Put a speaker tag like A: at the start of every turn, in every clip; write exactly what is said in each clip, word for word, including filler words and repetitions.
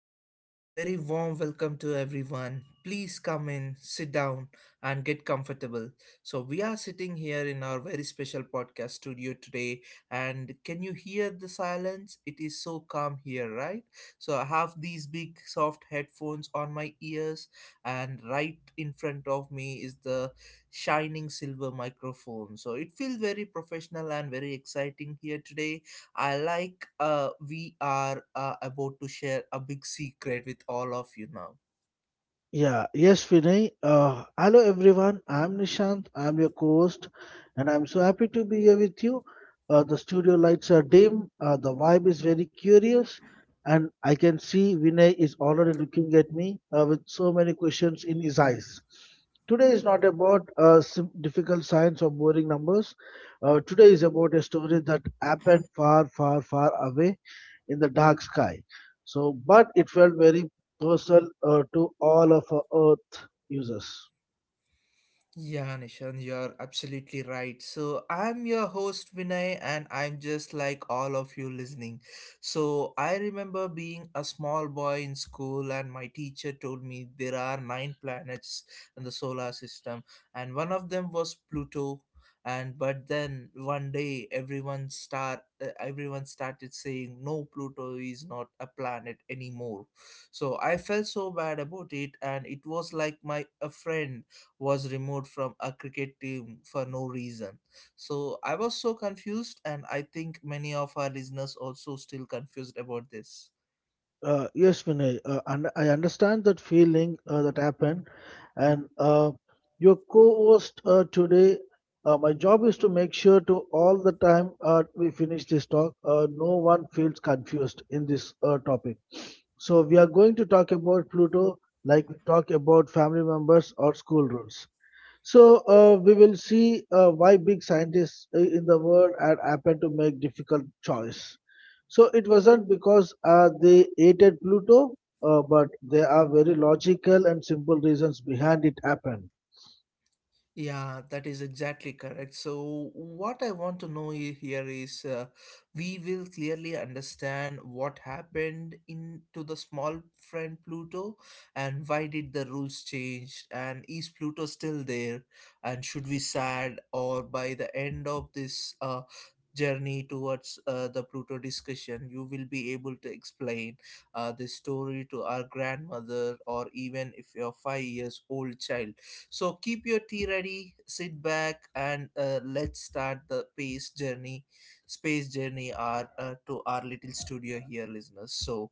A: namaste, and very warm welcome to everyone. Please come in, sit down, and get comfortable. So, we are sitting here in our very special podcast studio today. And can you hear the silence? It is so calm here, right? So, I have these big soft headphones on my ears, and right in front of me is the shining silver microphone. So, it feels very professional and very exciting here today. I like uh, we are uh, about to share a big secret with all of you now.
B: Yeah, yes, Vinay. Uh, hello, everyone. I'm Nishant. I'm your co-host, and I'm so happy to be here with you. Uh, the studio lights are dim. Uh, the vibe is very curious, and I can see Vinay is already looking at me uh, with so many questions in his eyes. Today is not about uh, sim- difficult science or boring numbers. Uh, today is about a story that happened far, far, far away in the dark sky. So, but it felt very universal uh, to all of our Earth users.
A: Yeah, Nishan, you're absolutely right. So, I'm your host Vinay, and I'm just like all of you listening. So, I remember being a small boy in school, and my teacher told me there are nine planets in the solar system, and one of them was Pluto. And but then one day, everyone start uh, everyone started saying, "No, Pluto is not a planet anymore." So I felt so bad about it, and it was like my a friend was removed from a cricket team for no reason. So I was so confused, and I think many of our listeners also still confused about this.
B: Uh, yes, Vinay, uh, and I understand that feeling uh, that happened. And uh, your co-host uh, today, uh, my job is to make sure to all the time uh, we finish this talk, uh, no one feels confused in this uh, topic. So we are going to talk about Pluto like we talk about family members or school rules. So uh, we will see uh, why big scientists uh, in the world had happened to make difficult choice. So it wasn't because uh, they hated Pluto, uh, but there are very logical and simple reasons behind it happened.
A: Yeah, that is exactly correct. So, what I want to know i- here is, uh, we will clearly understand what happened in to the small friend Pluto, and why did the rules change, and is Pluto still there, and should we sad. Or by the end of this uh, journey towards uh, the Pluto discussion, you will be able to explain uh, this story to our grandmother, or even if you're five years old child. So keep your tea ready, sit back, and uh, let's start the pace journey, space journey, our uh, to our little studio here, listeners. So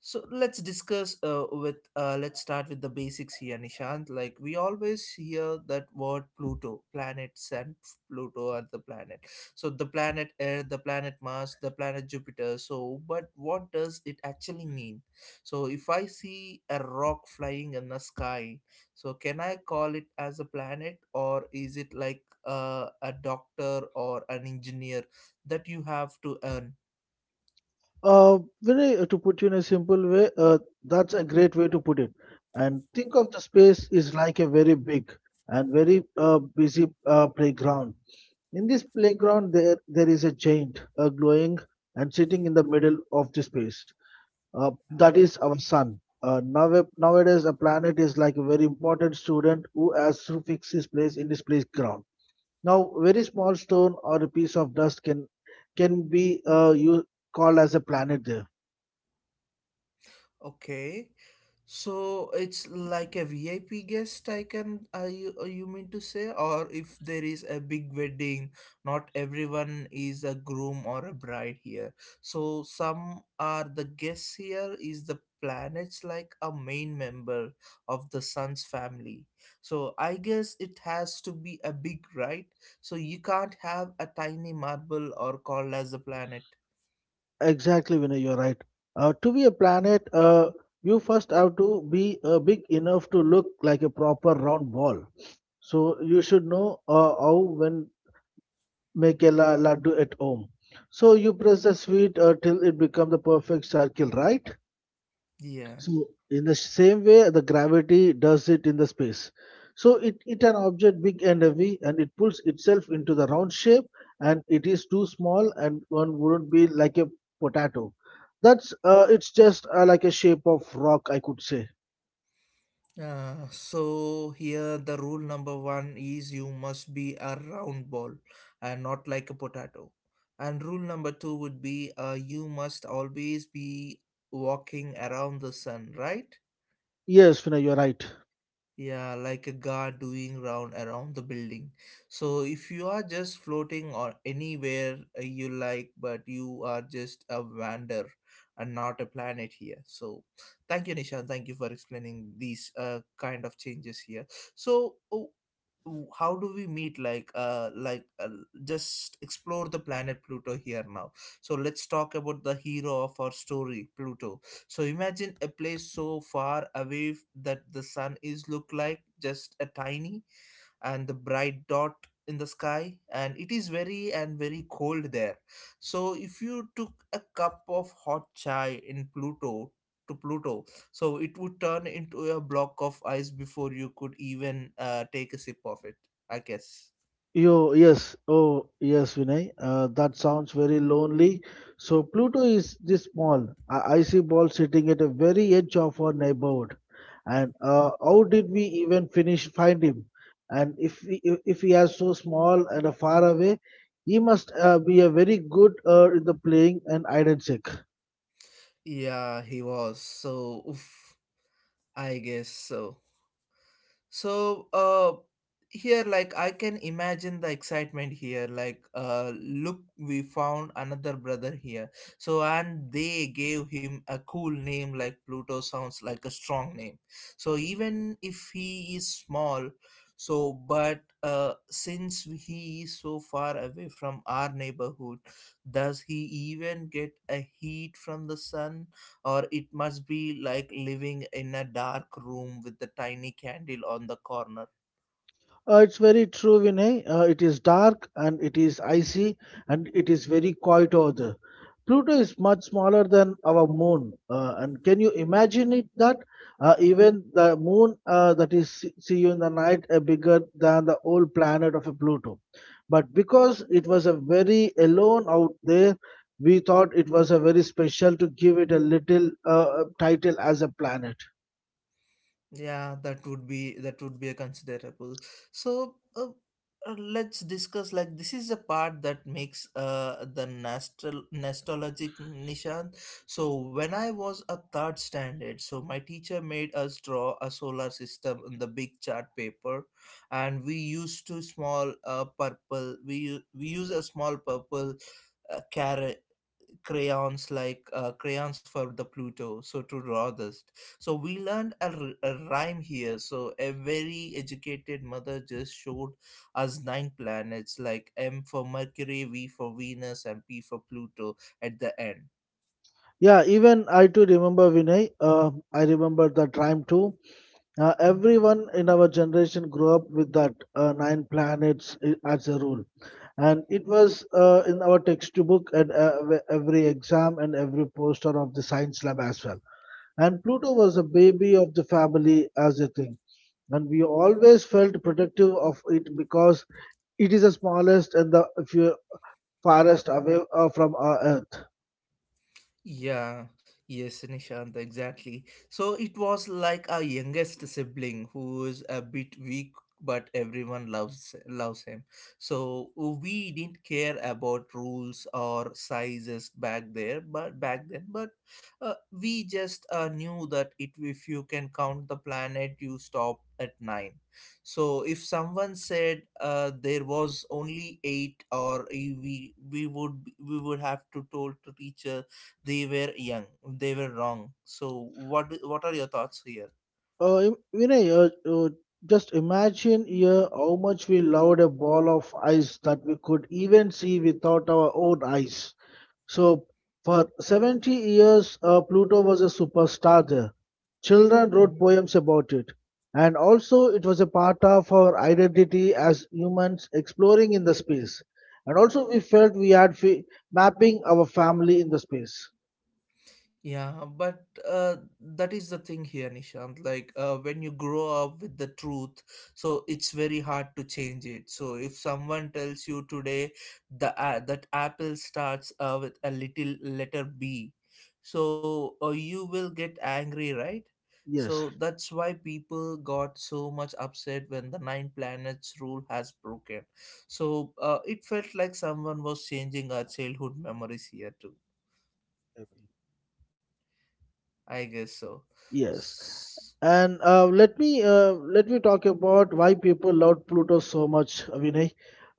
A: so let's discuss uh, with uh, let's start with the basics here, Nishant. Like, we always hear that word Pluto, planets, and Pluto are the planet. So the planet Earth, the planet Mars, the planet Jupiter. So, but what does it actually mean? So if I see a rock flying in the sky, so can I call it as a planet, or is it like uh, a doctor or an engineer that you have to earn?
B: Uh, Vinay, uh, to put you in a simple way, uh, that's a great way to put it. And think of the space is like a very big and very uh, busy uh, playground. In this playground, there there is a giant uh, glowing and sitting in the middle of the space. Uh, that is our sun. Uh, now, nowadays, a planet is like a very important student who has to fix his place in his playground. Now, very small stone or a piece of dust can can be uh, you called as a planet there.
A: Okay. So it's like a V I P guest. I can I you uh, you mean to say, or if there is a big wedding, not everyone is a groom or a bride here. So some are the guests here is the planets, like a main member of the sun's family. So I guess it has to be a big, right? So you can't have a tiny marble or called as a planet.
B: Exactly, Vinay, you're right. Uh, to be a planet, uh, you first have to be uh, big enough to look like a proper round ball. So you should know uh, how when make a la- laddu at home. So you press the sweet uh, till it become the perfect circle, right?
A: Yeah.
B: So in the same way, the gravity does it in the space. So it it an object big and heavy, and it pulls itself into the round shape, and it is too small, and one wouldn't be like a potato. That's uh, it's just uh, like a shape of rock, I could say.
A: Uh, so here the rule number one is you must be a round ball and not like a potato. And rule number two would be, uh, you must always be walking around the sun, right?
B: Yes, Vinay, you're right.
A: Yeah, like a guard doing round around the building. So if you are just floating or anywhere, uh, you like, but you are just a wander and not a planet here. So thank you, Nishan, thank you for explaining these, uh, kind of changes here. So oh, w- how do we meet, like uh like uh, just explore the planet Pluto here now. So let's talk about the hero of our story, Pluto. So imagine a place so far away, f- that the sun is look like just a tiny and the bright dot in the sky, and it is very and very cold there. So if you took a cup of hot chai in Pluto to Pluto, so it would turn into a block of ice before you could even uh, take a sip of it, I guess.
B: Yo, yes, oh, yes, Vinay. Uh, that sounds very lonely. So Pluto is this small, a icy ball sitting at the very edge of our neighborhood. And uh, how did we even finish find him? And if he, if if he is so small and uh, far away, he must uh, be a very good uh, in the playing and hide and seek.
A: Yeah, he was. So oof, I guess so. So uh here, like, I can imagine the excitement here, like, uh look, we found another brother here. So and they gave him a cool name, like Pluto sounds like a strong name. So even if he is small, so but uh since he is so far away from our neighborhood, does he even get a heat from the sun, or it must be like living in a dark room with a tiny candle on the corner.
B: Uh, it's very true, Vinay. Uh, it is dark and it is icy and it is very quiet over there. Pluto is much smaller than our moon. Uh, and can you imagine it that uh, even the moon uh, that is see see you in the night are bigger than the whole planet of a Pluto? But because it was a very alone out there, we thought it was a very special to give it a little uh, title as a planet.
A: Yeah, that would be that would be a considerable. So uh, uh, let's discuss, like, this is a part that makes uh the nostal- nostalgic, Nishant. So when I was a third standard, so my teacher made us draw a solar system in the big chart paper, and we used to small uh purple we u- we use a small purple, uh, carrot crayons, like, uh, crayons for the Pluto, so to draw this. So we learned a, r- a rhyme here. So a very educated mother just showed us nine planets, like M for Mercury, V for Venus, and P for Pluto at the end.
B: Yeah, even I too remember Vinay. Uh, I remember that rhyme too. Uh, everyone in our generation grew up with that uh, nine planets i- as a rule, and it was uh, in our textbook and uh, ev- every exam and every poster of the science lab as well. And Pluto was a baby of the family as a thing, and we always felt protective of it because it is the smallest and the few farthest away uh, from our Earth.
A: Yeah, yes, Nishant, exactly. So it was like our youngest sibling who is a bit weak, but everyone loves loves him. So we didn't care about rules or sizes back there, but back then, but uh, we just uh, knew that it if you can count the planet, you stop at nine. So if someone said, uh, there was only eight, or we we would we would have to told to teacher they were young they were wrong. So what do- what are your thoughts here?
B: Uh, Im- Vinay, uh, uh, just imagine here how much we loved a ball of ice that we could even see without our own eyes. So, for seventy years, uh, Pluto was a superstar there. Children wrote poems about it. And also, it was a part of our identity as humans exploring in the space. And also, we felt we had fi- mapping our family in the space.
A: Yeah, but uh, that is the thing here, Nishant. Like, uh, when you grow up with the truth, so it's very hard to change it. So if someone tells you today the uh, that apple starts uh, with a little letter B, so uh, you will get angry, right?
B: Yes,
A: So that's why people got so much upset when the nine planets rule has broken. So uh, it felt like someone was changing our childhood memories here too. I guess so.
B: yes. And uh, let me uh, let me talk about why people love Pluto so much, Vinay.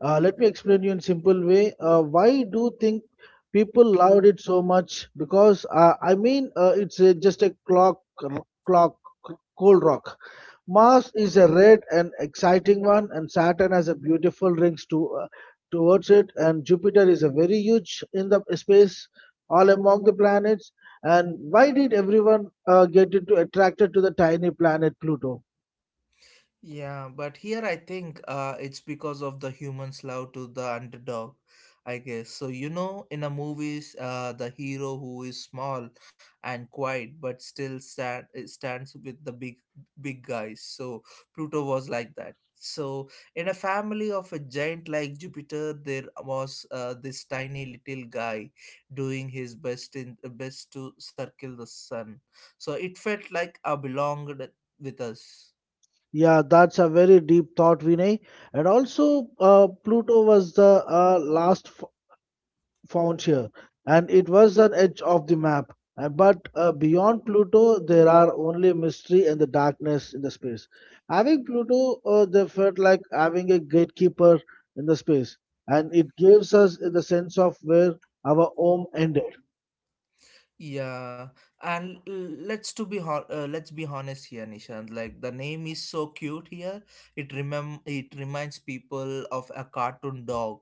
B: Uh, let me explain you in simple way. Uh, why do you think people loved it so much? Because uh, I mean, uh, it's uh, just a clock, clock, cold rock. Mars is a red and exciting one, and Saturn has a beautiful rings to, uh, towards it, and Jupiter is a very huge in the space, all among the planets. And why did everyone uh, get into attracted to the tiny planet Pluto?
A: Yeah, but here I think uh, it's because of the human's love to the underdog, I guess. So, you know, in a movies, uh, the hero who is small and quiet but still stand, uh, stands with the big big guys. So, Pluto was like that. So, in a family of a giant like Jupiter, there was uh, this tiny little guy doing his best in uh, best to circle the sun. So, it felt like I belonged with us.
B: Yeah, that's a very deep thought, Vinay. And also, uh, Pluto was the uh, last found here, and it was an edge of the map. Uh, But uh, beyond Pluto, there are only mystery and the darkness in the space. Having Pluto, uh, they felt like having a gatekeeper in the space, and it gives us the sense of where our home ended.
A: Yeah, and l- let's to be ho- uh, let's be honest here, Nishant. Like, the name is so cute here. It remem it reminds people of a cartoon dog,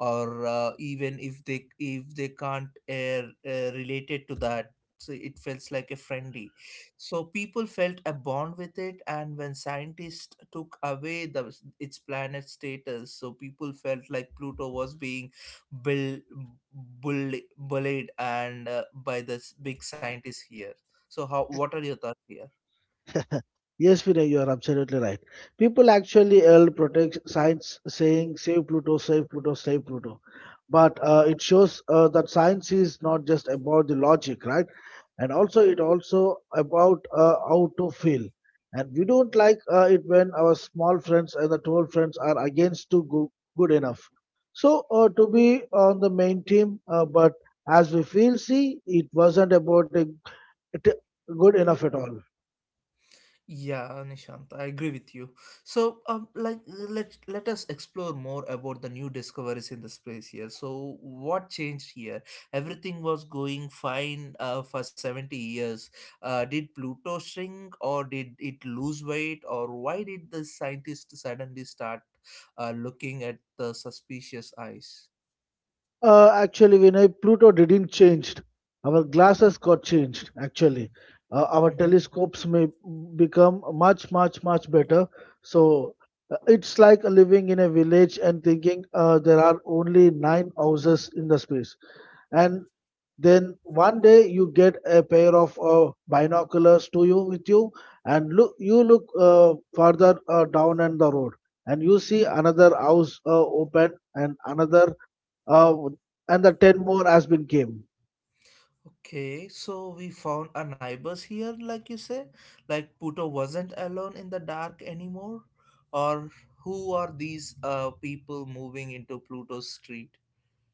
A: or uh, even if they, if they can't, uh, uh, related to that, so it feels like a friendly. So people felt a bond with it, and when scientists took away the its planet status, so people felt like Pluto was being build, bullied, bullied and uh, by this big scientist here. So, how? What are your thoughts here?
B: Yes, Vinay, you are absolutely right. People actually help protect science, saying "Save Pluto, save Pluto, save Pluto," but uh, it shows uh, that science is not just about the logic, right? And also it also about uh, how to feel, and we don't like uh, it when our small friends and the tall friends are against to go- good enough, so uh, to be on the main team, uh, but as we feel see it wasn't about a, it good enough at all.
A: Yeah, Nishant, I agree with you. So, um, like, let let us explore more about the new discoveries in this place here. So, what changed here? Everything was going fine uh, for seventy years. Uh, did Pluto shrink, or did it lose weight, or why did the scientists suddenly start uh, looking at the suspicious eyes?
B: Uh, actually, Vinay, Pluto didn't change. Our glasses got changed, actually. Uh, our
A: Mm-hmm.
B: telescopes may become much, much, much better. So uh, it's like living in a village and thinking uh, there are only nine houses in the space. And then one day you get a pair of uh, binoculars to you with you, and look, you look uh, further uh, down and the road, and you see another house uh, open and another uh, and the ten more has been game.
A: Okay, so we found our neighbors here, like you say, like Pluto wasn't alone in the dark anymore, or who are these uh people moving into Pluto's street?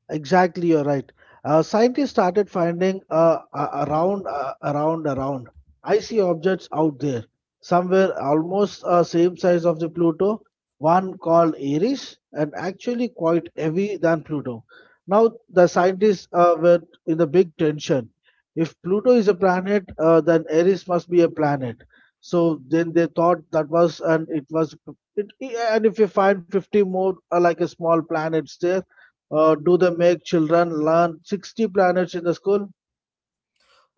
B: Exactly, you're right. Uh, scientists started finding uh, a- around, uh, around, around. I see objects out there, somewhere almost uh, same size of the Pluto. One called Eris, and actually quite heavy than Pluto. Now the scientists uh, were in a big tension. If Pluto is a planet, uh, then Eris must be a planet. So then they thought that was, and it was, it, and if you find fifty more uh, like a small planets there, uh, do they make children learn sixty planets in the school?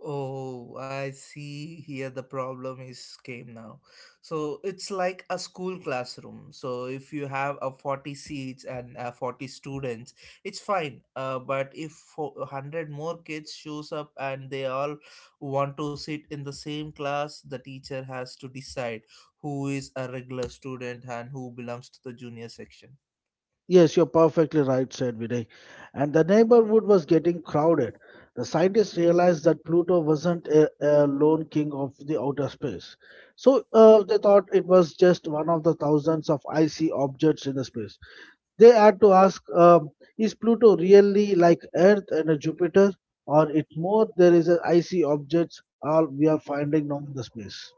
A: Oh, I see here the problem is came now. So it's like a school classroom. So if you have a forty seats and uh, forty students, it's fine. Uh, but if fo- a hundred more kids shows up and they all want to sit in the same class, the teacher has to decide who is a regular student and who belongs to the junior section.
B: Yes, you're perfectly right, said Vinay. And the neighborhood was getting crowded. The scientists realized that Pluto wasn't a, a lone king of the outer space. So uh, they thought it was just one of the thousands of icy objects in the space. They had to ask um, is Pluto really like Earth and a Jupiter, or it more there is a icy objects all we are finding now in the space?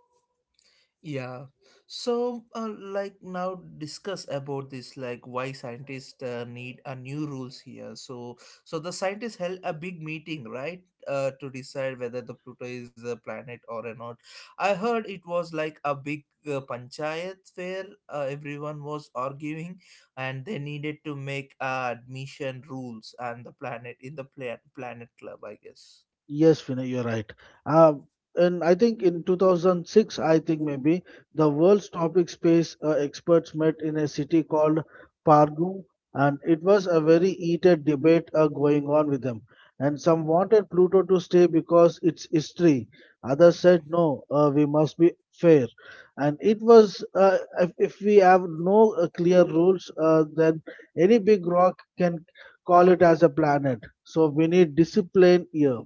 A: Yeah. So, uh, like, now discuss about this, like why scientists uh, need a new rules here. So, so the scientists held a big meeting, right, uh, to decide whether the Pluto is a planet or not. I heard it was like a big uh, panchayat where uh, everyone was arguing, and they needed to make uh, admission rules and the planet in the plan- planet club, I guess.
B: Yes, Vinay, you're right. Uh, and I think in two thousand six, I think maybe the world's topic space uh, experts met in a city called Pargu, and it was a very heated debate uh, going on with them. And some wanted Pluto to stay because it's history. Others said no, uh, we must be fair. And it was uh, if, if we have no uh, clear rules, uh, then any big rock can call it as a planet. So we need discipline here.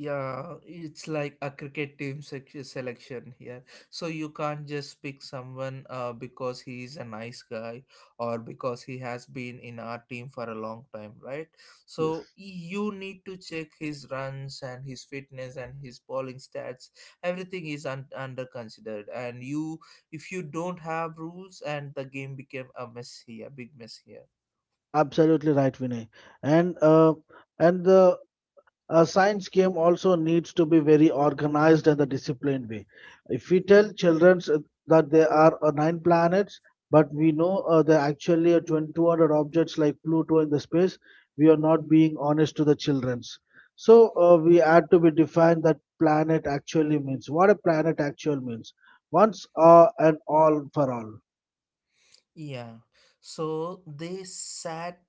A: Yeah, it's like a cricket team sec- selection here. So you can't just pick someone uh, because he is a nice guy, or because he has been in our team for a long time, right? So
B: Yes,
A: you need to check his runs and his fitness and his bowling stats. Everything is un- under considered. And you, if you don't have rules, and the game became a mess here, big mess here.
B: absolutely right, Vinay. And uh, and the uh, science game also needs to be very organized and the disciplined way. If we tell children that there are uh, nine planets, but we know uh, there are actually are two thousand two hundred objects like Pluto in the space, we are not being honest to the childrens. So uh, we had to be defined that planet actually means what a planet actual means once uh, and all for all.
A: Yeah. So they sat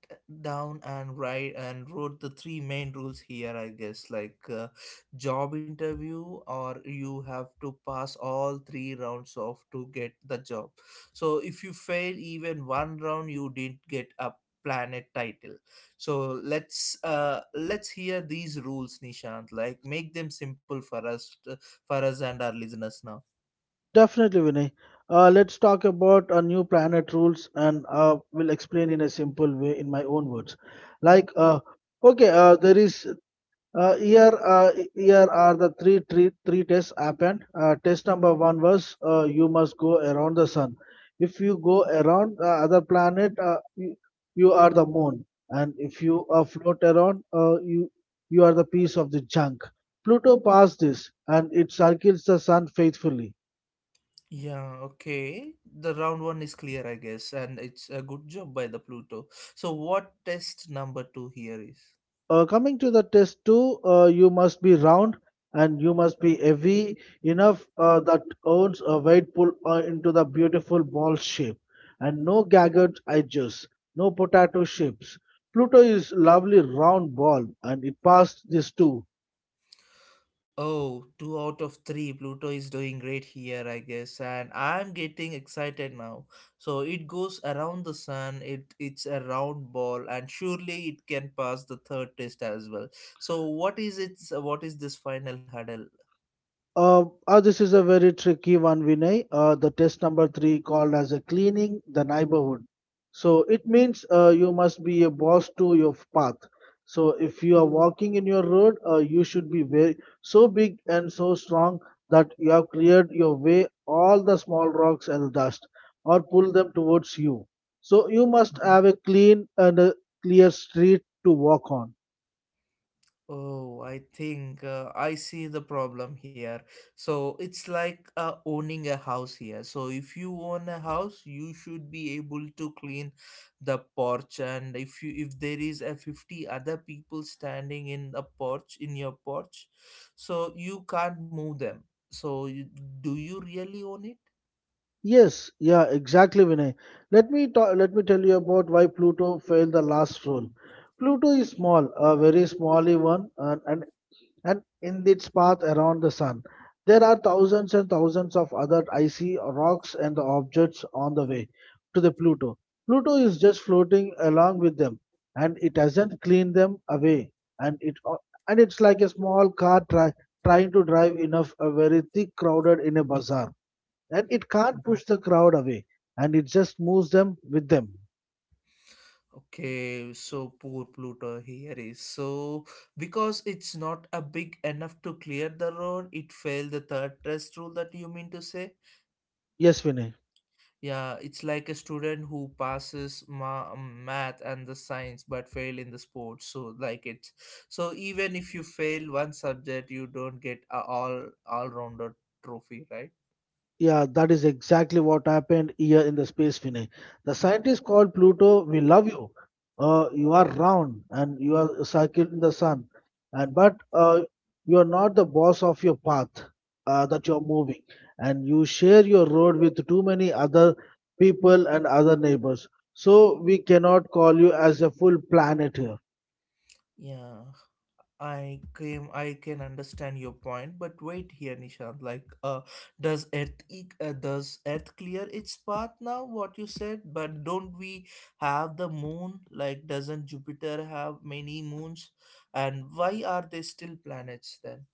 A: down and write and wrote the three main rules here, I guess, like, uh, job interview, or you have to pass all three rounds of to get the job. So if you fail even one round, you didn't get a planet title. So let's uh let's hear these rules, Nishant. Like, make them simple for us, uh, for us and our listeners now.
B: Definitely, Vinay. Uh, let's talk about a new planet rules and uh, will explain in a simple way in my own words. Like, uh, okay, uh, there is uh, here uh, here are the three three three tests happened. Uh, test number one was uh, you must go around the sun. If you go around the other planet, uh, you, you are the moon, and if you uh, float around, uh, you you are the piece of the junk. Pluto passed this, and it circles the sun faithfully.
A: Yeah, okay. The round one is clear, I guess, and it's a good job by the Pluto. So, what test number two here is?
B: Uh, coming to the test two, uh, you must be round and you must be heavy enough uh, that owns a weight pull uh, into the beautiful ball shape, and no jagged edges, no potato shapes. Pluto is lovely round ball, and it passed this too.
A: Oh, two out of three. Pluto is doing great here, I guess, and I'm getting excited now. So it goes around the sun. It it's a round ball, and surely it can pass the third test as well. So what is its what is this final hurdle?
B: Uh, uh, this is a very tricky one, Vinay. Uh, the test number three called as a cleaning the neighborhood. So it means uh, you must be a boss to your path. So if you are walking in your road, uh, you should be very so big and so strong that you have cleared your way all the small rocks and dust, or pull them towards you. So you must have a clean and a clear street to walk on.
A: Oh, I think, uh, I see the problem here. So it's like, uh, owning a house here. So if you own a house, you should be able to clean the porch. And if you if there is a fifty other people standing in the porch in your porch, so you can't move them. So you, do you really own it?
B: Yes, yeah, exactly, Vinay. Let me ta- let me tell you about why Pluto failed the last rule. Pluto is small, a very smally one, and, and and in its path around the sun, there are thousands and thousands of other icy rocks and objects on the way to the Pluto. Pluto is just floating along with them, and it hasn't cleaned them away, and it and it's like a small car try, trying to drive enough a very thick crowded in a bazaar, and it can't push the crowd away, and it just moves them with them.
A: Okay, so poor Pluto here is. So, because it's not a big enough to clear the road, it failed the third test rule, that you mean to say?
B: Yes, Vinay.
A: Yeah, it's like a student who passes ma- math and the science but fail in the sports. So, like it. So, even if you fail one subject, you don't get a all all rounder trophy, right?
B: Yeah, that is exactly what happened here in the space, Vinay. The scientists called Pluto, we love you. Uh, you are round and you are circled in the sun, and but uh, you are not the boss of your path uh, that you are moving, and you share your road with too many other people and other neighbors. So we cannot call you as a full planet here.
A: Yeah. I came I can understand your point, but wait here, Nishant. Like, uh, does Earth e- uh, does Earth clear its path now? What you said, but don't we have the moon? Like, doesn't Jupiter have many moons? And why are they still planets then?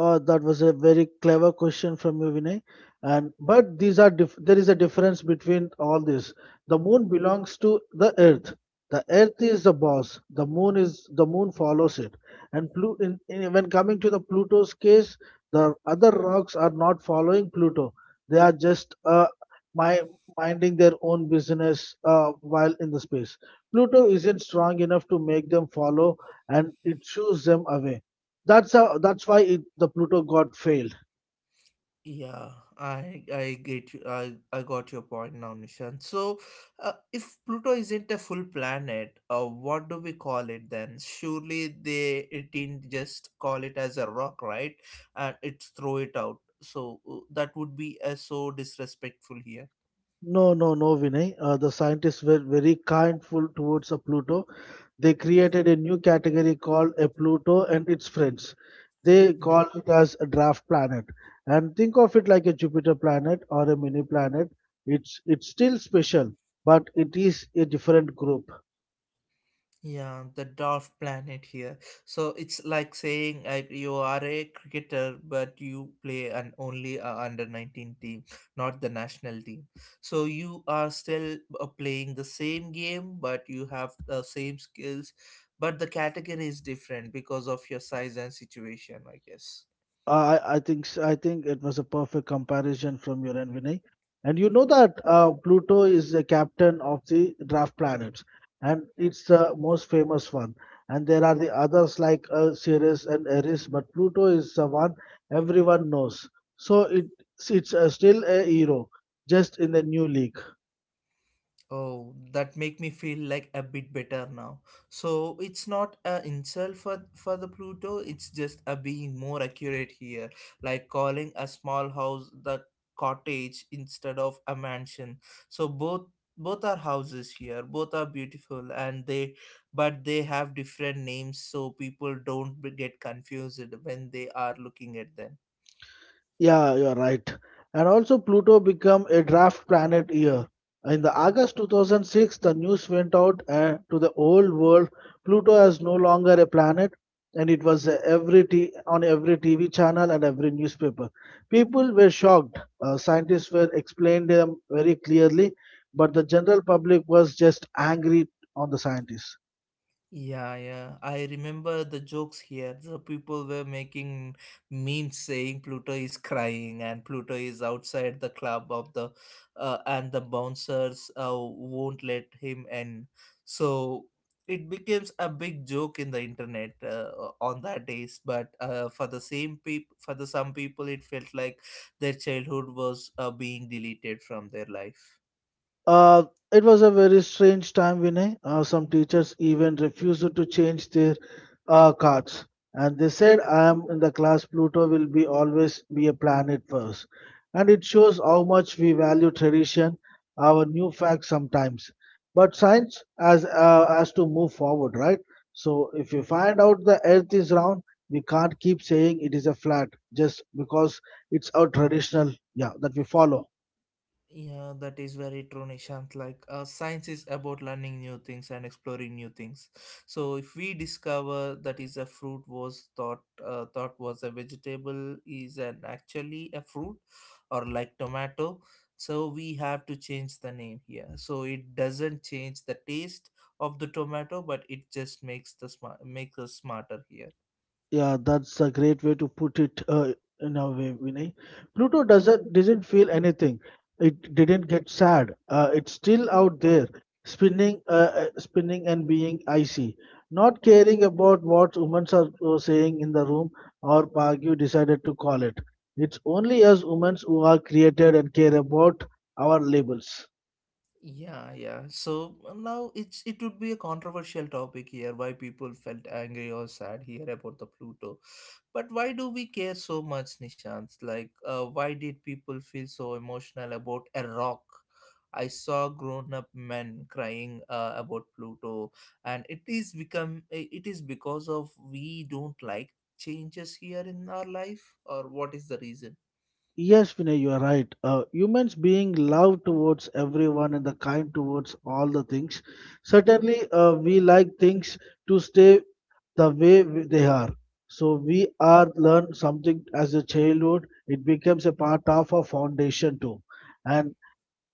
B: Uh, that was a very clever question from you, Vinay. And but these are dif- there is a difference between all this. The moon belongs to the earth. The earth is the boss. The moon is the moon follows it. And Plu- in, in, when coming to the Pluto's case, the other rocks are not following Pluto. They are just uh, my, minding their own business uh, while in the space. Pluto isn't strong enough to make them follow, and it shoos them away. That's how, that's why it, the Pluto god failed.
A: Yeah, I I get you. I I got your point now, Nishant. So, uh, if Pluto isn't a full planet, uh, what do we call it then? Surely they it didn't just call it as a rock, right? And it's throw it out. So, uh, that would be, uh, so disrespectful here.
B: No, no, no, Vinay. Uh, the scientists were very kindful towards a Pluto. They created a new category called a Pluto and its friends. They
A: Mm-hmm.
B: call it as a draft planet. And think of it like a Jupiter planet or a mini planet. It's it's still special, but it is a different group.
A: Yeah, the dwarf planet here. So it's like saying, like you are a cricketer, but you play an only, uh, under nineteen team, not the national team. So you are still, uh, playing the same game, but you have the same skills, but the category is different because of your size and situation, I guess.
B: Uh, I, I think s- I think it was a perfect comparison from your end, Vinay. And you know that uh, Pluto is the captain of the draft planets, and it's the most famous one. And there are the others like uh, Ceres and Eris, but Pluto is the one everyone knows. So it it's uh, still a hero, just in the new league.
A: Oh, that make me feel like a bit better now. So it's not a insult for for the Pluto. It's just a being more accurate here, like calling a small house the cottage instead of a mansion. So both both are houses here. Both are beautiful, and they but they have different names, so people don't be- get confused when they are looking at them.
B: Yeah, you're right. And also Pluto became a draft planet year. In the August two thousand six, the news went out uh, to the whole world. Pluto is no longer a planet, and it was uh, every t- on every T V channel and every newspaper. People were shocked. Uh, scientists were explained them very clearly, but the general public was just angry on the scientists.
A: Yeah, yeah. I remember the jokes here. The people were making memes saying Pluto is crying and Pluto is outside the club of the uh, and the bouncers, uh, won't let him in. So it becomes a big joke in the internet, uh, on that days. But, uh, for the same people, for the some people, it felt like their childhood was, uh, being deleted from their life.
B: Uh, it was a very strange time, Vinay. Uh, some teachers even refused to change their uh, cards. And they said, I am in the class, Pluto will be always be a planet first. And it shows how much we value tradition, our new facts sometimes. But science has, uh, has to move forward, right? So if you find out the earth is round, we can't keep saying it is a flat just because it's our traditional, yeah, that we follow.
A: Yeah, that is very true, Nishant. Like, uh, science is about learning new things and exploring new things. So, if we discover that is a fruit was thought uh, thought was a vegetable is an actually a fruit, or like tomato, so we have to change the name here. So it doesn't change the taste of the tomato, but it just makes the smart makes us smarter here.
B: Yeah, that's a great way to put it uh, in a way, Vinay. Pluto doesn't didn't feel anything. It didn't get sad. Uh, it's still out there, spinning, uh, uh, spinning and being icy, not caring about what humans are uh, saying in the room or Pagyu decided to call it. It's only us humans who are created and care about our labels.
A: Yeah, yeah. So, uh, now it's it would be a controversial topic here why people felt angry or sad here about the Pluto. But why do we care so much, Nishant? Like, uh, why did people feel so emotional about a rock? I saw grown-up men crying, uh, about Pluto, and it is become it is because of we don't like changes here in our life, or what is the reason?
B: Yes, Vinay, you are right. Uh, humans being love towards everyone and the kind towards all the things. Certainly, uh, we like things to stay the way we- they are. So we are learn something as a childhood. It becomes a part of our foundation too. And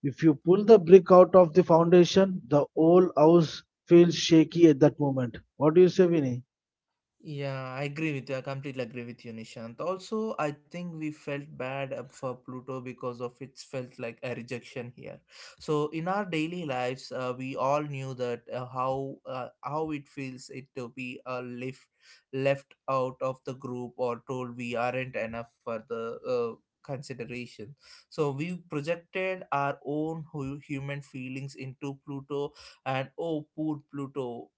B: if you pull the brick out of the foundation, the whole house feels shaky at that moment. What do you say, Vinay?
A: Yeah, I agree with you. I completely agree with you, Nishant. Also, I think we felt bad, uh, for Pluto because of it felt like a rejection here. So in our daily lives, uh, we all knew that, uh, how uh, how it feels it to be a left left out of the group, or told we aren't enough for the. Uh, consideration, so we projected our own hu- human feelings into Pluto. And oh, poor Pluto,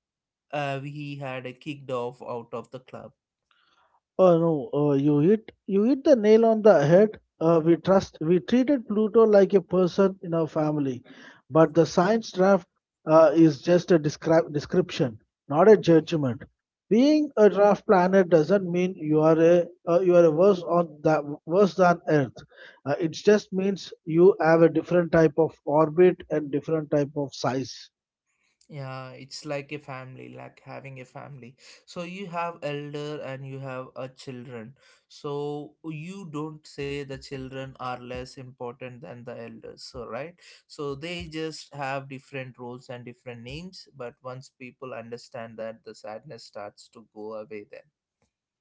A: uh, he had, uh, kicked off out of the club.
B: Oh no, uh, you hit you hit the nail on the head. Uh, we trust we treated Pluto like a person in our family, but the science draft uh, is just a descri- description, not a judgment. Being a draft planet doesn't mean you are a uh, you are a worse on that worse than Earth. Uh, it just means you have a different type of orbit and different type of size.
A: Yeah, it's like a family, like having a family. So you have elder, and you have a children. So you don't say the children are less important than the elders, so right. So they just have different roles and different names, but once people understand that, the sadness starts to go away then.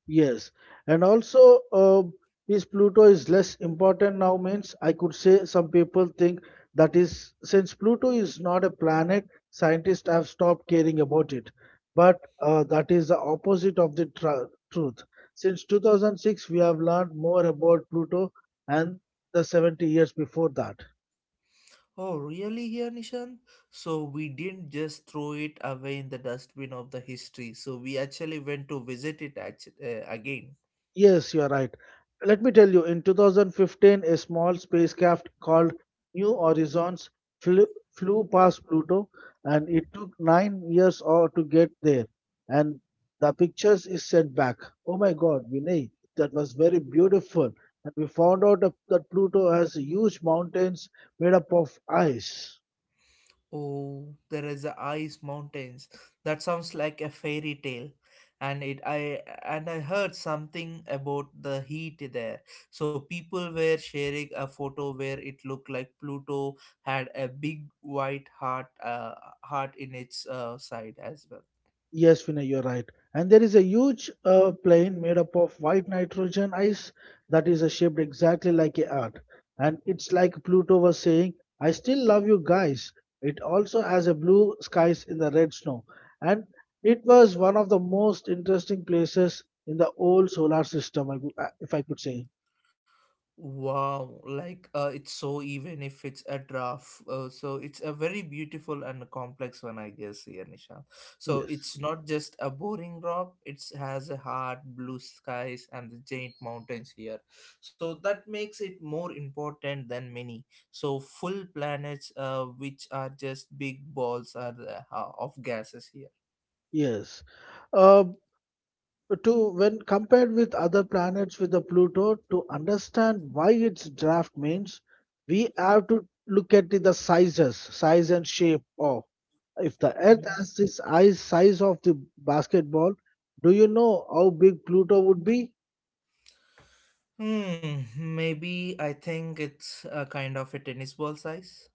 B: Yes, and also uh, is Pluto is less important now means I could say some people think that is since Pluto is not a planet, scientists have stopped caring about it. But uh, that is the opposite of the tru- truth. Since two thousand six, we have learned more about Pluto and the seventy years before that.
A: Oh, really here, Nishant? So we didn't just throw it away in the dustbin of the history. So we actually went to visit it actually, uh, again.
B: Yes, you are right. Let me tell you, in two thousand fifteen, a small spacecraft called New Horizons flew, flew past Pluto, and it took nine years or to get there. And the pictures is sent back. Oh my God, Vinay, that was very beautiful. And we found out that that Pluto has huge mountains made up of ice.
A: Oh, there is the ice mountains. That sounds like a fairy tale. And it I and I heard something about the heat there. So people were sharing a photo where it looked like Pluto had a big white heart uh, heart in its, uh, side as well.
B: Yes, Vinay, you're right. And there is a huge uh, plane made up of white nitrogen ice that is uh, shaped exactly like a heart. And it's like Pluto was saying, I still love you guys. It also has a blue skies in the red snow. And it was one of the most interesting places in the whole solar system, I, could- uh, if I could say.
A: Wow, like, uh, it's so even if it's a draft. Uh, so it's a very beautiful and complex one, I guess, here, Nisha. So
B: Yes.
A: it's not just a boring rock, it has a heart, blue skies, and the giant mountains here. So that makes it more important than many. So full planets, uh, which are just big balls are, uh, of gases here.
B: Yes. Uh, to when compared with other planets with the Pluto, to understand why its draft means, we have to look at the sizes, size and shape of. If the Earth
A: Mhm.
B: has this size size of the basketball, do you know how big Pluto would be?
A: Hmm, maybe I think it's a kind of a tennis ball size.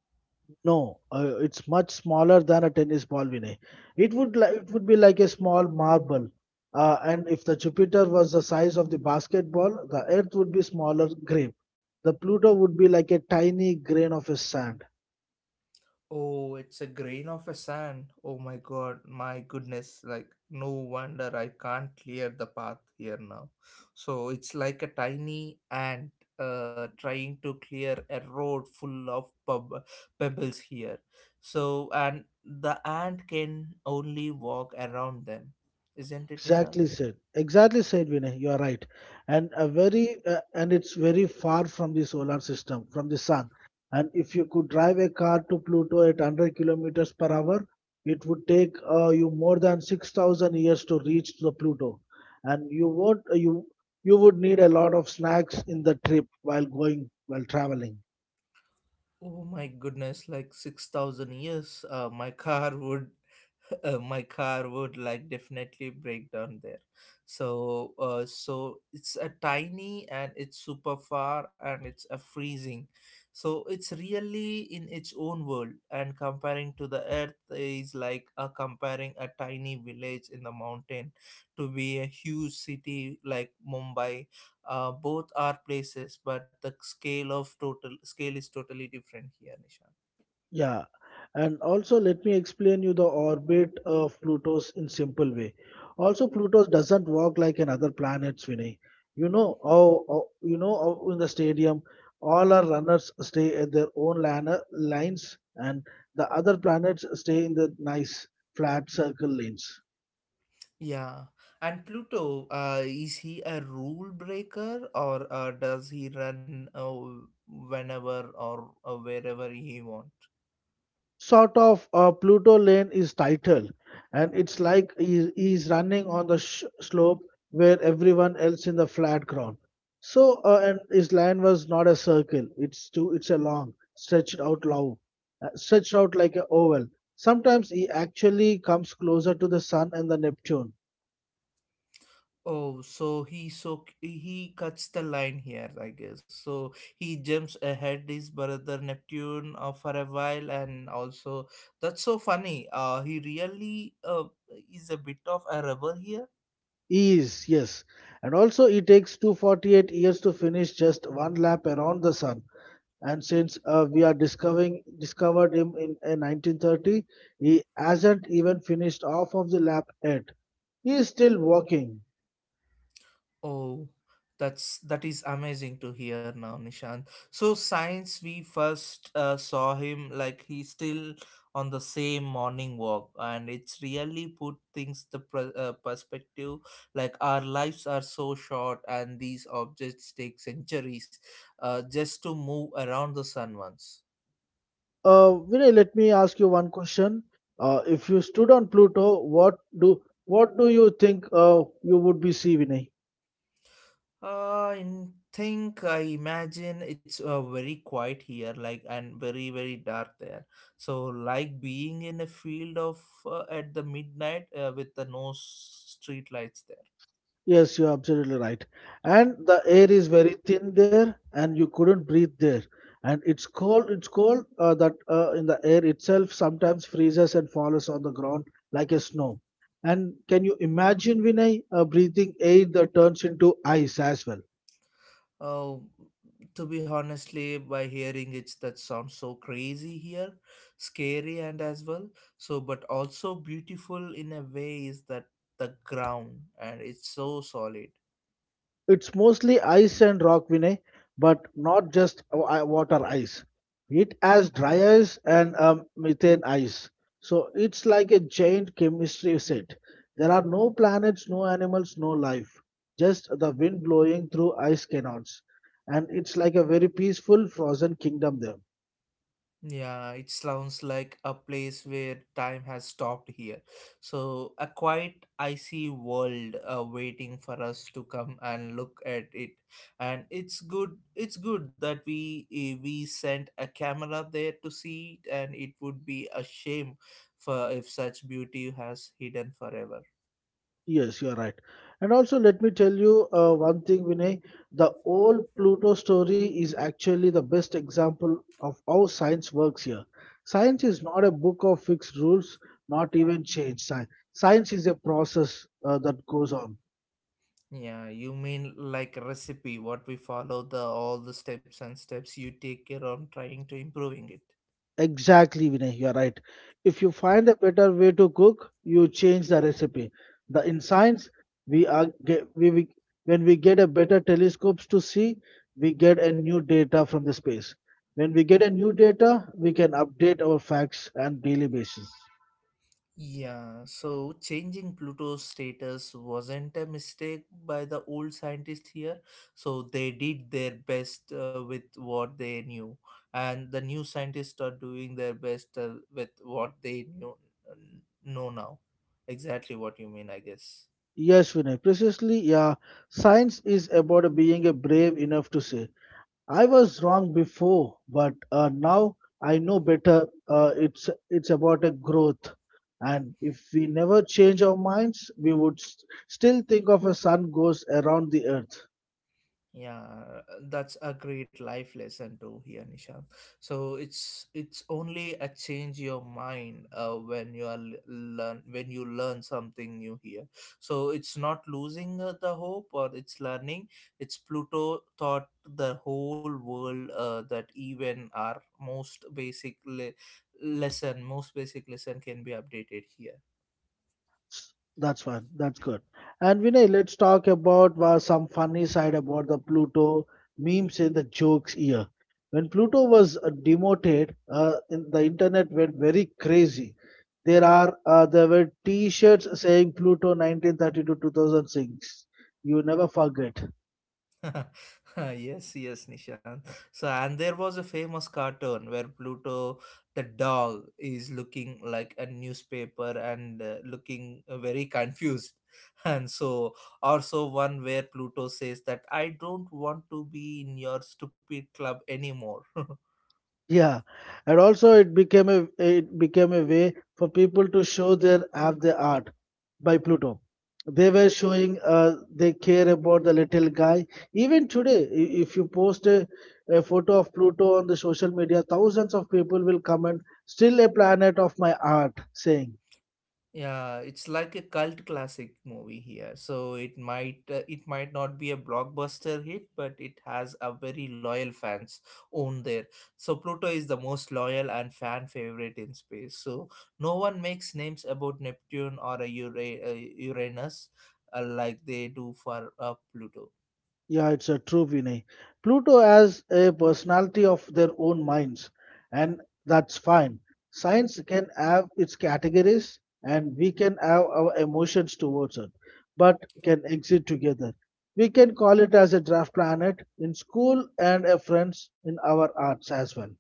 B: No, uh, it's much smaller than a tennis ball, Vinay. It would li- it would be like a small marble. Uh, and if the Jupiter was the size of the basketball, the Earth would be smaller grape. The Pluto would be like a tiny grain of a sand.
A: Oh, it's a grain of a sand. Oh my god, my goodness. Like, no wonder I can't clear the path here now. So, it's like a tiny ant, uh, trying to clear a road full of pub- pebbles here. So, and the ant can only walk around them. Isn't it, Nishan?
B: Exactly said. Exactly said, Vinay. You are right, and a very uh, and it's very far from the solar system, from the sun. And if you could drive a car to Pluto at one hundred kilometers per hour, it would take uh, you more than six thousand years to reach the Pluto, and you would uh, you you would need a lot of snacks in the trip while going while traveling.
A: Oh my goodness, like six thousand years, uh, my car would uh, my car would like definitely break down there. So, uh, so it's a tiny and it's super far and it's a freezing. So it's really in its own world, and comparing to the earth is like, uh, comparing a tiny village in the mountain to be a huge city like Mumbai, uh, both are places, but the scale of total scale is totally different here, Nishant.
B: Yeah, and also let me explain you the orbit of Pluto's in simple way. Also, Pluto doesn't walk like another planets, Vinay. You know how, how- you know how in the stadium all our runners stay at their own lana- lines, and the other planets stay in the nice flat circle lanes.
A: Yeah, and Pluto, uh, is he a rule breaker, or uh, does he run, uh, whenever or, uh, wherever he wants?
B: Sort of. uh, Pluto Lane is title, and it's like he, he's running on the sh- slope where everyone else in the flat ground. So, uh, and his line was not a circle; it's too, it's a long, stretched out long, uh, stretched out like a oval. Sometimes he actually comes closer to the Sun and the Neptune.
A: Oh, so he so he cuts the line here, I guess. So he jumps ahead his brother Neptune, uh, for a while, and also that's so funny. Uh, he really, uh, is a bit of a rebel here.
B: He is, yes, and also it takes two hundred forty-eight years to finish just one lap around the Sun. And since uh, we are discovering discovered him in, uh nineteen thirty. He hasn't even finished off of the lap yet. He is still walking.
A: Oh, that's that is amazing to hear now, Nishant. So since we first, uh, saw him, like he's still on the same morning walk, and it's really put things the pr- uh, perspective. Like our lives are so short, and these objects take centuries, uh, just to move around the sun once.
B: uh, Vinay, let me ask you one question. Uh, if you stood on Pluto, what do what do you think uh, you would be see, Vinay?
A: Uh, I think I imagine it's, uh, very quiet here, like and very very dark there. So like being in a field of, uh, at the midnight, uh, with the no s- street lights there.
B: Yes, you're absolutely right. And the air is very thin there, and you couldn't breathe there. And it's cold. It's cold uh, that uh, in the air itself sometimes freezes and falls on the ground like a snow. And can you imagine, Vinay, uh, breathing air that turns into ice as well?
A: Oh, to be honestly, by hearing it, that sounds so crazy here, scary and as well. So, but also beautiful in a way is that the ground and it's so solid.
B: It's mostly ice and rock, Vinay, but not just wa- i- water ice. It has dry ice and um, methane ice. So it's like a giant chemistry set. There are no planets, no animals, no life. Just the wind blowing through ice cannons. And it's like a very peaceful frozen kingdom there.
A: Yeah, it sounds like a place where time has stopped here. So, a quiet, icy world, uh, waiting for us to come and look at it. And it's good. It's good that we eh, we sent a camera there to see it, and it would be a shame for if such beauty has hidden forever.
B: Yes, you are right. And also, let me tell you uh, one thing, Vinay. The old Pluto story is actually the best example of how science works here. Science is not a book of fixed rules, not even change. Sci- Science is a process uh, that goes on.
A: Yeah, you mean like a recipe, what we follow the all the steps and steps you take care on trying to improving it.
B: Exactly, Vinay, you are right. If you find a better way to cook, you change the recipe. The in science, we are get, we, we when we get a better telescopes to see, we get a new data from the space. When we get a new data, we can update our facts on daily basis.
A: Yeah, so changing Pluto's status wasn't a mistake by the old scientists here. So they did their best, uh, with what they knew, and the new scientists are doing their best, uh, with what they knew, know now. Exactly what you mean, I guess.
B: Yes, Vinay, precisely. Yeah, science is about being a brave enough to say, I was wrong before, but uh, now I know better. Uh, it's it's about a growth, and if we never change our minds, we would s still think of a sun goes around the earth.
A: Yeah, that's a great life lesson to hear, Nishant. So it's it's only a change your mind, uh, when you are l- learn when you learn something new here. So it's not losing, uh, the hope or it's learning. It's Pluto taught the whole world, uh, that even our most basic le- lesson, most basic lesson can be updated here.
B: S- That's one. That's good. And Vinay, let's talk about uh, some funny side about the Pluto memes in the jokes year. When Pluto was uh, demoted, uh, in, the internet went very crazy. There are uh, there were T-shirts saying Pluto nineteen thirty-two two thousand six. You never forget.
A: Yes, yes, Nishan. So, and there was a famous cartoon where Pluto, the dog, is looking like a newspaper and, uh, looking very confused. And so, also one where Pluto says that I don't want to be in your stupid club anymore.
B: Yeah, and also it became a it became a way for people to show their have their art by Pluto. They were showing uh, they care about the little guy. Even today, i- if you post a, a photo of Pluto on the social media, thousands of people will comment, "Still a planet of my art," saying.
A: Yeah, it's like a cult classic movie here. So it might uh, it might not be a blockbuster hit, but it has a very loyal fans own there. So Pluto is the most loyal and fan favorite in space. So no one makes names about Neptune or a Ura- uh, Uranus, uh, like they do for, uh, Pluto.
B: Yeah, it's a true Vinay. Pluto has a personality of their own minds, and that's fine. Science can have its categories, and we can have our emotions towards it, but can exist together. We can call it as a draft planet in school and a friends in our arts as well.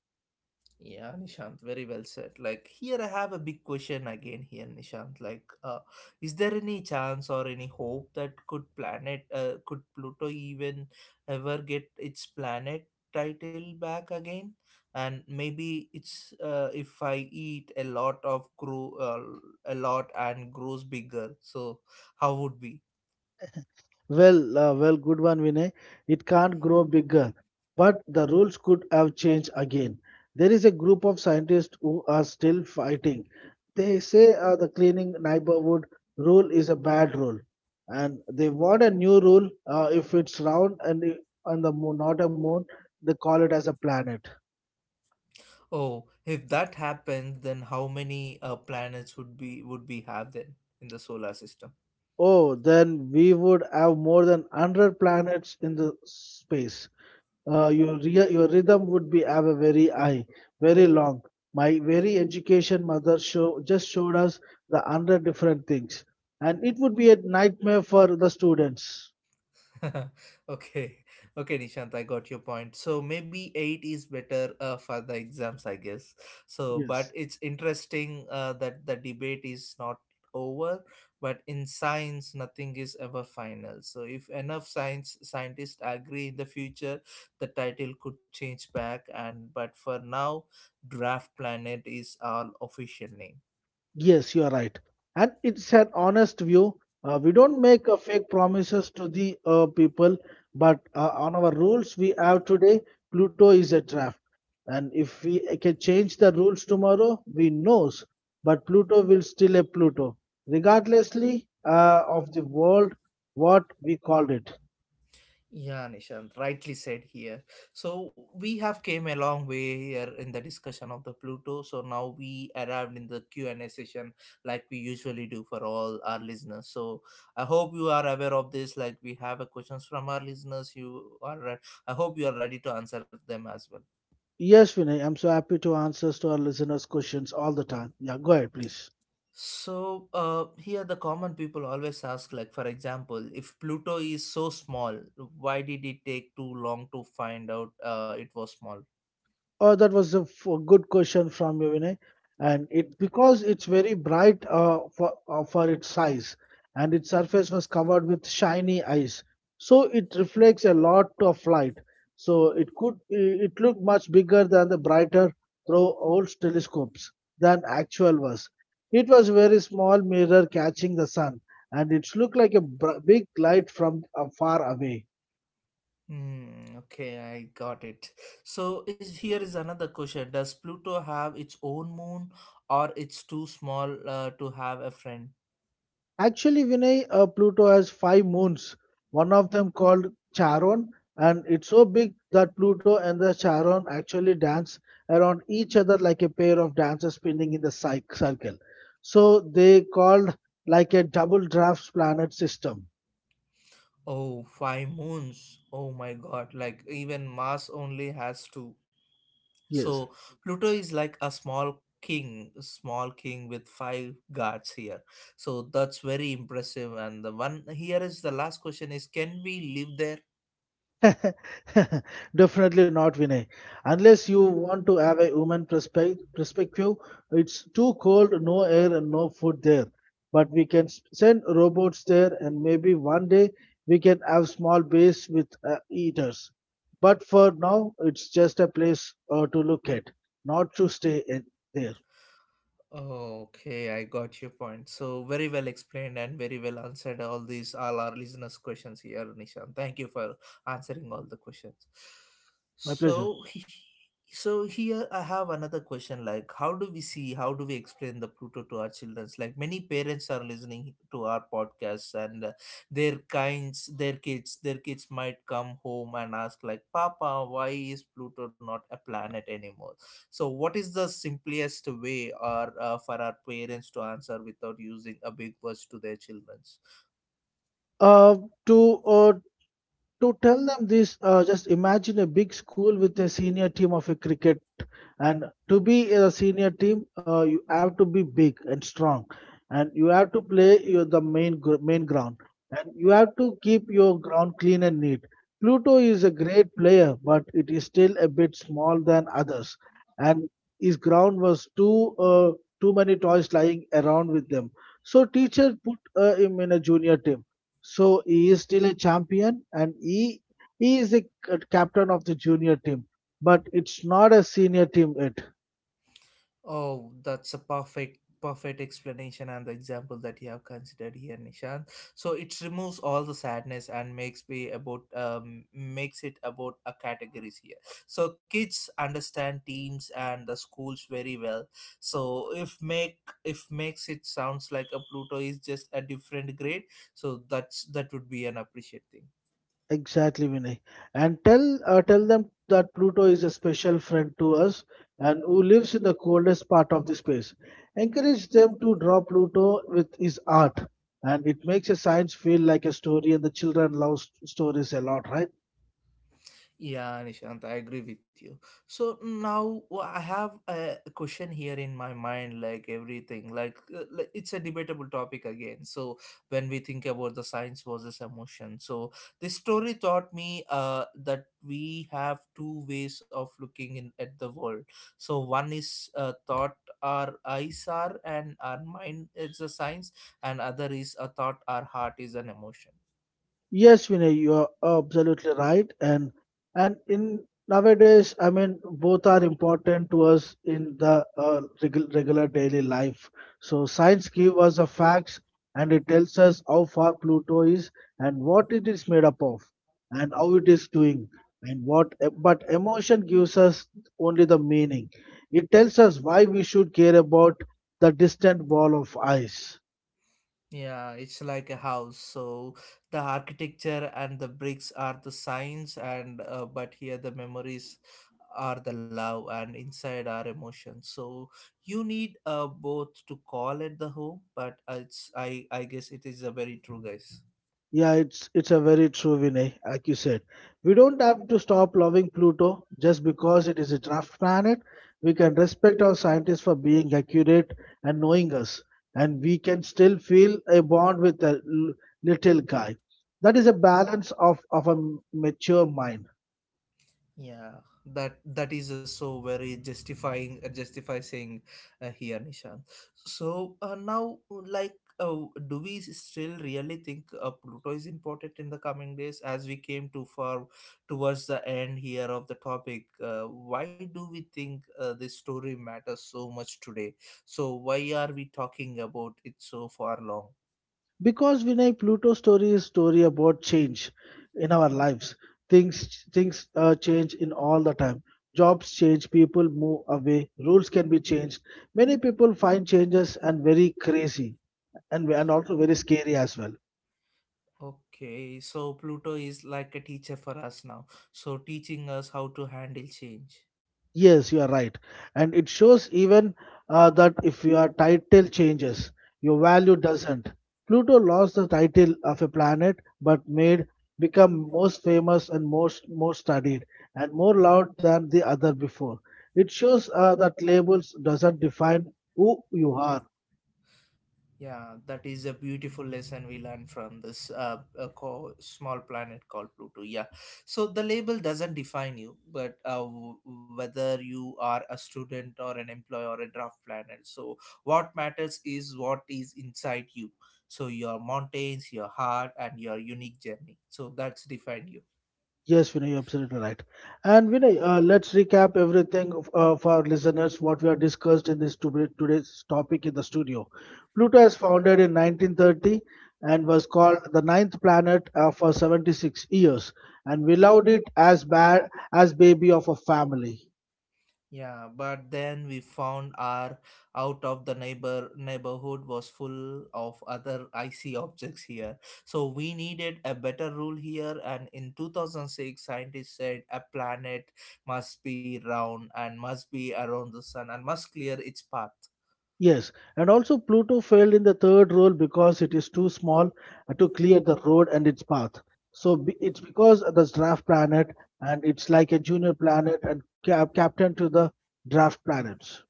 A: Yeah, Nishant, very well said. Like here I have a big question again here, Nishant. Like uh is there any chance or any hope that could planet uh could Pluto even ever get its planet title back again? And maybe it's uh if I eat a lot of grow uh, a lot and grows bigger. So how would be?
B: Well, uh, well, good one, Vinay. It can't grow bigger, but the rules could have changed again. There is a group of scientists who are still fighting. They say uh, the cleaning neighborhood rule is a bad rule, and they want a new rule. Uh, if it's round and i- on the moon, not a moon, they call it as a planet.
A: Oh, if that happens, then how many uh planets would be would we have then in the solar system?
B: Oh, then we would have more than one hundred planets in the space. Uh, your rea- your rhythm would be have a very high, very long. My very education mother show just showed us the hundred different things, and it would be a nightmare for the students.
A: Okay, okay, Nishant, I got your point. So maybe eight is better uh, for the exams, I guess. So, but
B: Yes.
A: it's interesting uh, that the debate is not over. But in science, nothing is ever final. So if enough science scientists agree in the future, the title could change back. And but for now, Draft Planet is our official name.
B: Yes, you are right. And it's an honest view. Uh, we don't make uh, fake promises to the uh, people, but uh, on our rules we have today, Pluto is a draft. And if we can change the rules tomorrow, we knows. But Pluto will still a Pluto, regardlessly uh, of the world, what we called it.
A: Yeah, Nishant, rightly said here. So we have came a long way here in the discussion of the Pluto. So now we arrived in the Q and A session, like we usually do for all our listeners. So I hope you are aware of this. Like we have a questions from our listeners. You are. re- I hope you are ready to answer them as well.
B: Yes, Vinay, I'm so happy to answers to our listeners' questions all the time. Yeah, go ahead, please.
A: So uh, here the common people always ask, like for example, if Pluto is so small, why did it take too long to find out uh, it was small?
B: Uh, that was a f- a good question from you, Vinay. And it because it's very bright uh, for uh, for its size, and its surface was covered with shiny ice, so it reflects a lot of light. So it could i- it looked much bigger than the brighter through old telescopes than actual was. It was a very small mirror catching the sun, and it looked like a br- big light from uh, far away.
A: Hmm, okay, I got it. So is here is another question. Does Pluto have its own moon or it's too small uh, to have a friend?
B: Actually, Vinay, uh, Pluto has five moons. One of them called Charon, and it's so big that Pluto and the Charon actually dance around each other like a pair of dancers spinning in the cy- circle. So they called like a double draft planet system.
A: Oh, five moons. Oh my god, like even Mars only has two.
B: Yes.
A: So Pluto is like a small king, small king with five guards here. So that's very impressive. And the one here is the last question is can we live there?
B: Definitely not, Vinay. Unless you want to have a human perspective, perspective, it's too cold, no air and no food there. But we can s- send robots there, and maybe one day we can have small base with uh, eaters. But for now, it's just a place uh, to look at, not to stay in there.
A: Oh, okay, I got your point. So very well explained and very well answered all these all our listeners' questions here, Nishan. Thank you for answering all the questions.
B: My pleasure.
A: So he- so here I have another question like how do we see how do we explain the Pluto to our children? Like many parents are listening to our podcasts and uh, their kinds their kids their kids might come home and ask like, Papa, why is Pluto not a planet anymore? So, what is the simplest way or uh, for our parents to answer without using a big words to their childrens?
B: Uh, to uh, to tell them this, uh, just imagine a big school with a senior team of a cricket. And to be a senior team, uh, you have to be big and strong, and you have to play your, the main gr- main ground, and you have to keep your ground clean and neat. Pluto is a great player, but it is still a bit small than others, and his ground was too uh, too many toys lying around with them. So teacher put uh, him in a junior team so he is still a champion and he, he is a c- captain of the junior team, but it's not a senior team yet.
A: Oh, that's a perfect perfect explanation and the example that you have considered here, Nishant. So it removes all the sadness and makes me about um, makes it about a categories here. So kids understand teams and the schools very well. so if make if makes it sounds like a Pluto is just a different grade. So that's that would be an appreciate thing.
B: Exactly, Vinay. And tell uh, tell them that Pluto is a special friend to us and who lives in the coldest part of the space. Encourage them to draw Pluto with his art, and it makes a science feel like a story, and the children love s- stories a lot, right?
A: Yeah, Nishant, I agree with you. So now wh- I have a question here in my mind, like everything, like uh, li- it's a debatable topic again. So when we think about the science versus emotion, so this story taught me uh, that we have two ways of looking in at the world. So one is uh, thought our eyes are and our mind is a science, and other is a thought our heart is an emotion.
B: Yes, Vinay, you are absolutely right. And and in nowadays, I mean, both are important to us in the uh, regu- regular daily life. So science gives us the facts, and it tells us how far Pluto is and what it is made up of, and how it is doing, and what. But emotion gives us only the meaning. It tells us why we should care about the distant ball of ice.
A: Yeah, it's like a house. So the architecture and the bricks are the signs, and uh, but here the memories are the love, and inside are emotions. So you need uh, both to call it the home, but uh, it's I I guess it is a very true, guys.
B: Yeah, it's it's a very true Vinay, like you said. We don't have to stop loving Pluto just because it is a draft planet. We can respect our scientists for being accurate and knowing us, and we can still feel a bond with a l- little guy. That is a balance of, of a m- mature mind.
A: Yeah, that that is uh, so very justifying uh, justify saying uh, here, Nishan. So uh, now, like, uh, do we still really think uh, Pluto is important in the coming days? As we came too far towards the end here of the topic, uh why do we think uh, this story matters so much today? So why are we talking about it so far long?
B: Because Vinay, Pluto's story is story about change in our lives. Things things uh, change in all the time. Jobs change, people move away, rules can be changed. Many people find changes and very crazy and, and also very scary as well.
A: Okay, so Pluto is like a teacher for us now, so teaching us how to handle change.
B: Yes, you are right. And it shows even uh, that if your title changes, your value doesn't. Pluto lost the title of a planet but made become most famous and most more studied and more loved than the other before. It shows uh, that labels doesn't define who you are.
A: Yeah, that is a beautiful lesson we learned from this uh, uh, co- small planet called Pluto. Yeah, so the label doesn't define you, but uh, w- whether you are a student or an employee or a draft planet. So what matters is what is inside you. So your mountains, your heart, and your unique journey. So that's defined you.
B: Yes, Vinay, you're absolutely right. And Vinay, uh, let's recap everything of- uh, for our listeners what we have discussed in this to- today's topic in the studio. Pluto is founded in nineteen thirty and was called the ninth planet uh, for seventy-six years, and we loved it as bad as baby of a family.
A: Yeah, but then we found our out of the neighbor neighborhood was full of other icy objects here. So we needed a better rule here and in two thousand six scientists said a planet must be round and must be around the sun and must clear its path.
B: Yes, and also Pluto failed in the third role because it is too small uh, to clear the road and its path. So be- it's because of the draft planet, and it's like a junior planet and cap- captain to the draft planets.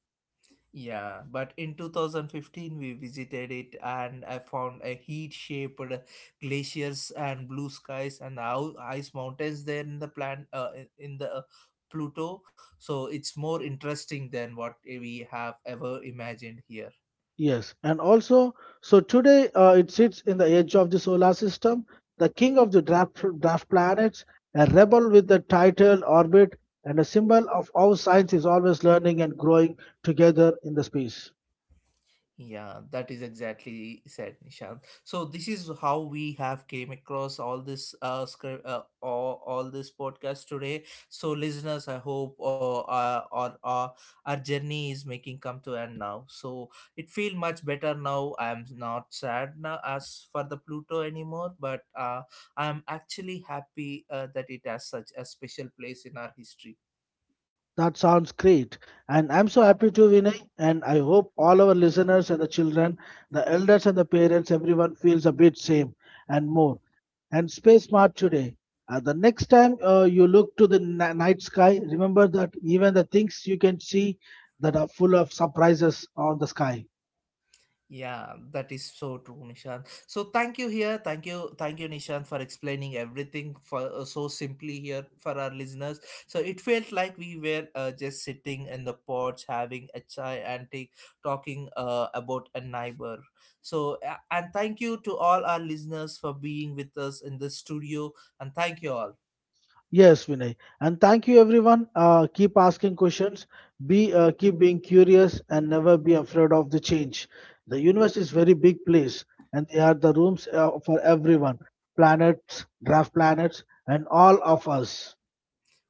A: Yeah, but in two thousand fifteen we visited it and I found a heat-shaped glaciers and blue skies and ou- ice mountains there in the plan uh, in in the uh, Pluto. So it's more interesting than what we have ever imagined here.
B: Yes, and also, so today uh, it sits in the edge of the solar system, the king of the draft, draft planets, a rebel with the title orbit, and a symbol of how science is always learning and growing together in the space.
A: Yeah, that is exactly said, Nishant. So this is how we have came across all this uh, script, uh all, all this podcast today. So listeners, I hope uh, uh, our uh, our journey is making come to end now. So it feel much better now. I am not sad now as for the Pluto anymore, but uh, I am actually happy uh, that it has such a special place in our history.
B: That sounds great. And I'm so happy to Vinay. And I hope all our listeners and the children, the elders and the parents, everyone feels a bit same and more. And stay smart today. Uh, the next time uh, you look to the ni- night sky, remember that even the things you can see that are full of surprises on the sky.
A: Yeah, that is so true, Nishant. So thank you here. Thank you. Thank you, Nishant, for explaining everything for uh, so simply here for our listeners. So it felt like we were uh, just sitting in the porch having a chai and take, talking uh, about a neighbor. So uh, and thank you to all our listeners for being with us in the studio and thank you all.
B: Yes, Vinay. And thank you, everyone. Uh, keep asking questions. Be uh, keep being curious and never be afraid of the change. The universe is very big place, and there are the rooms uh, for everyone. Planets, draft planets, and all of us.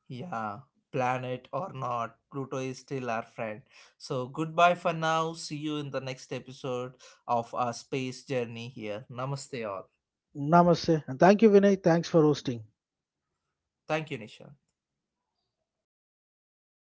A: Yeah, planet or not, Pluto is still our friend. So goodbye for now. See you in the next episode of our space journey here. Namaste all.
B: Namaste. And thank you, Vinay. Thanks for hosting.
A: Thank you, Nisha.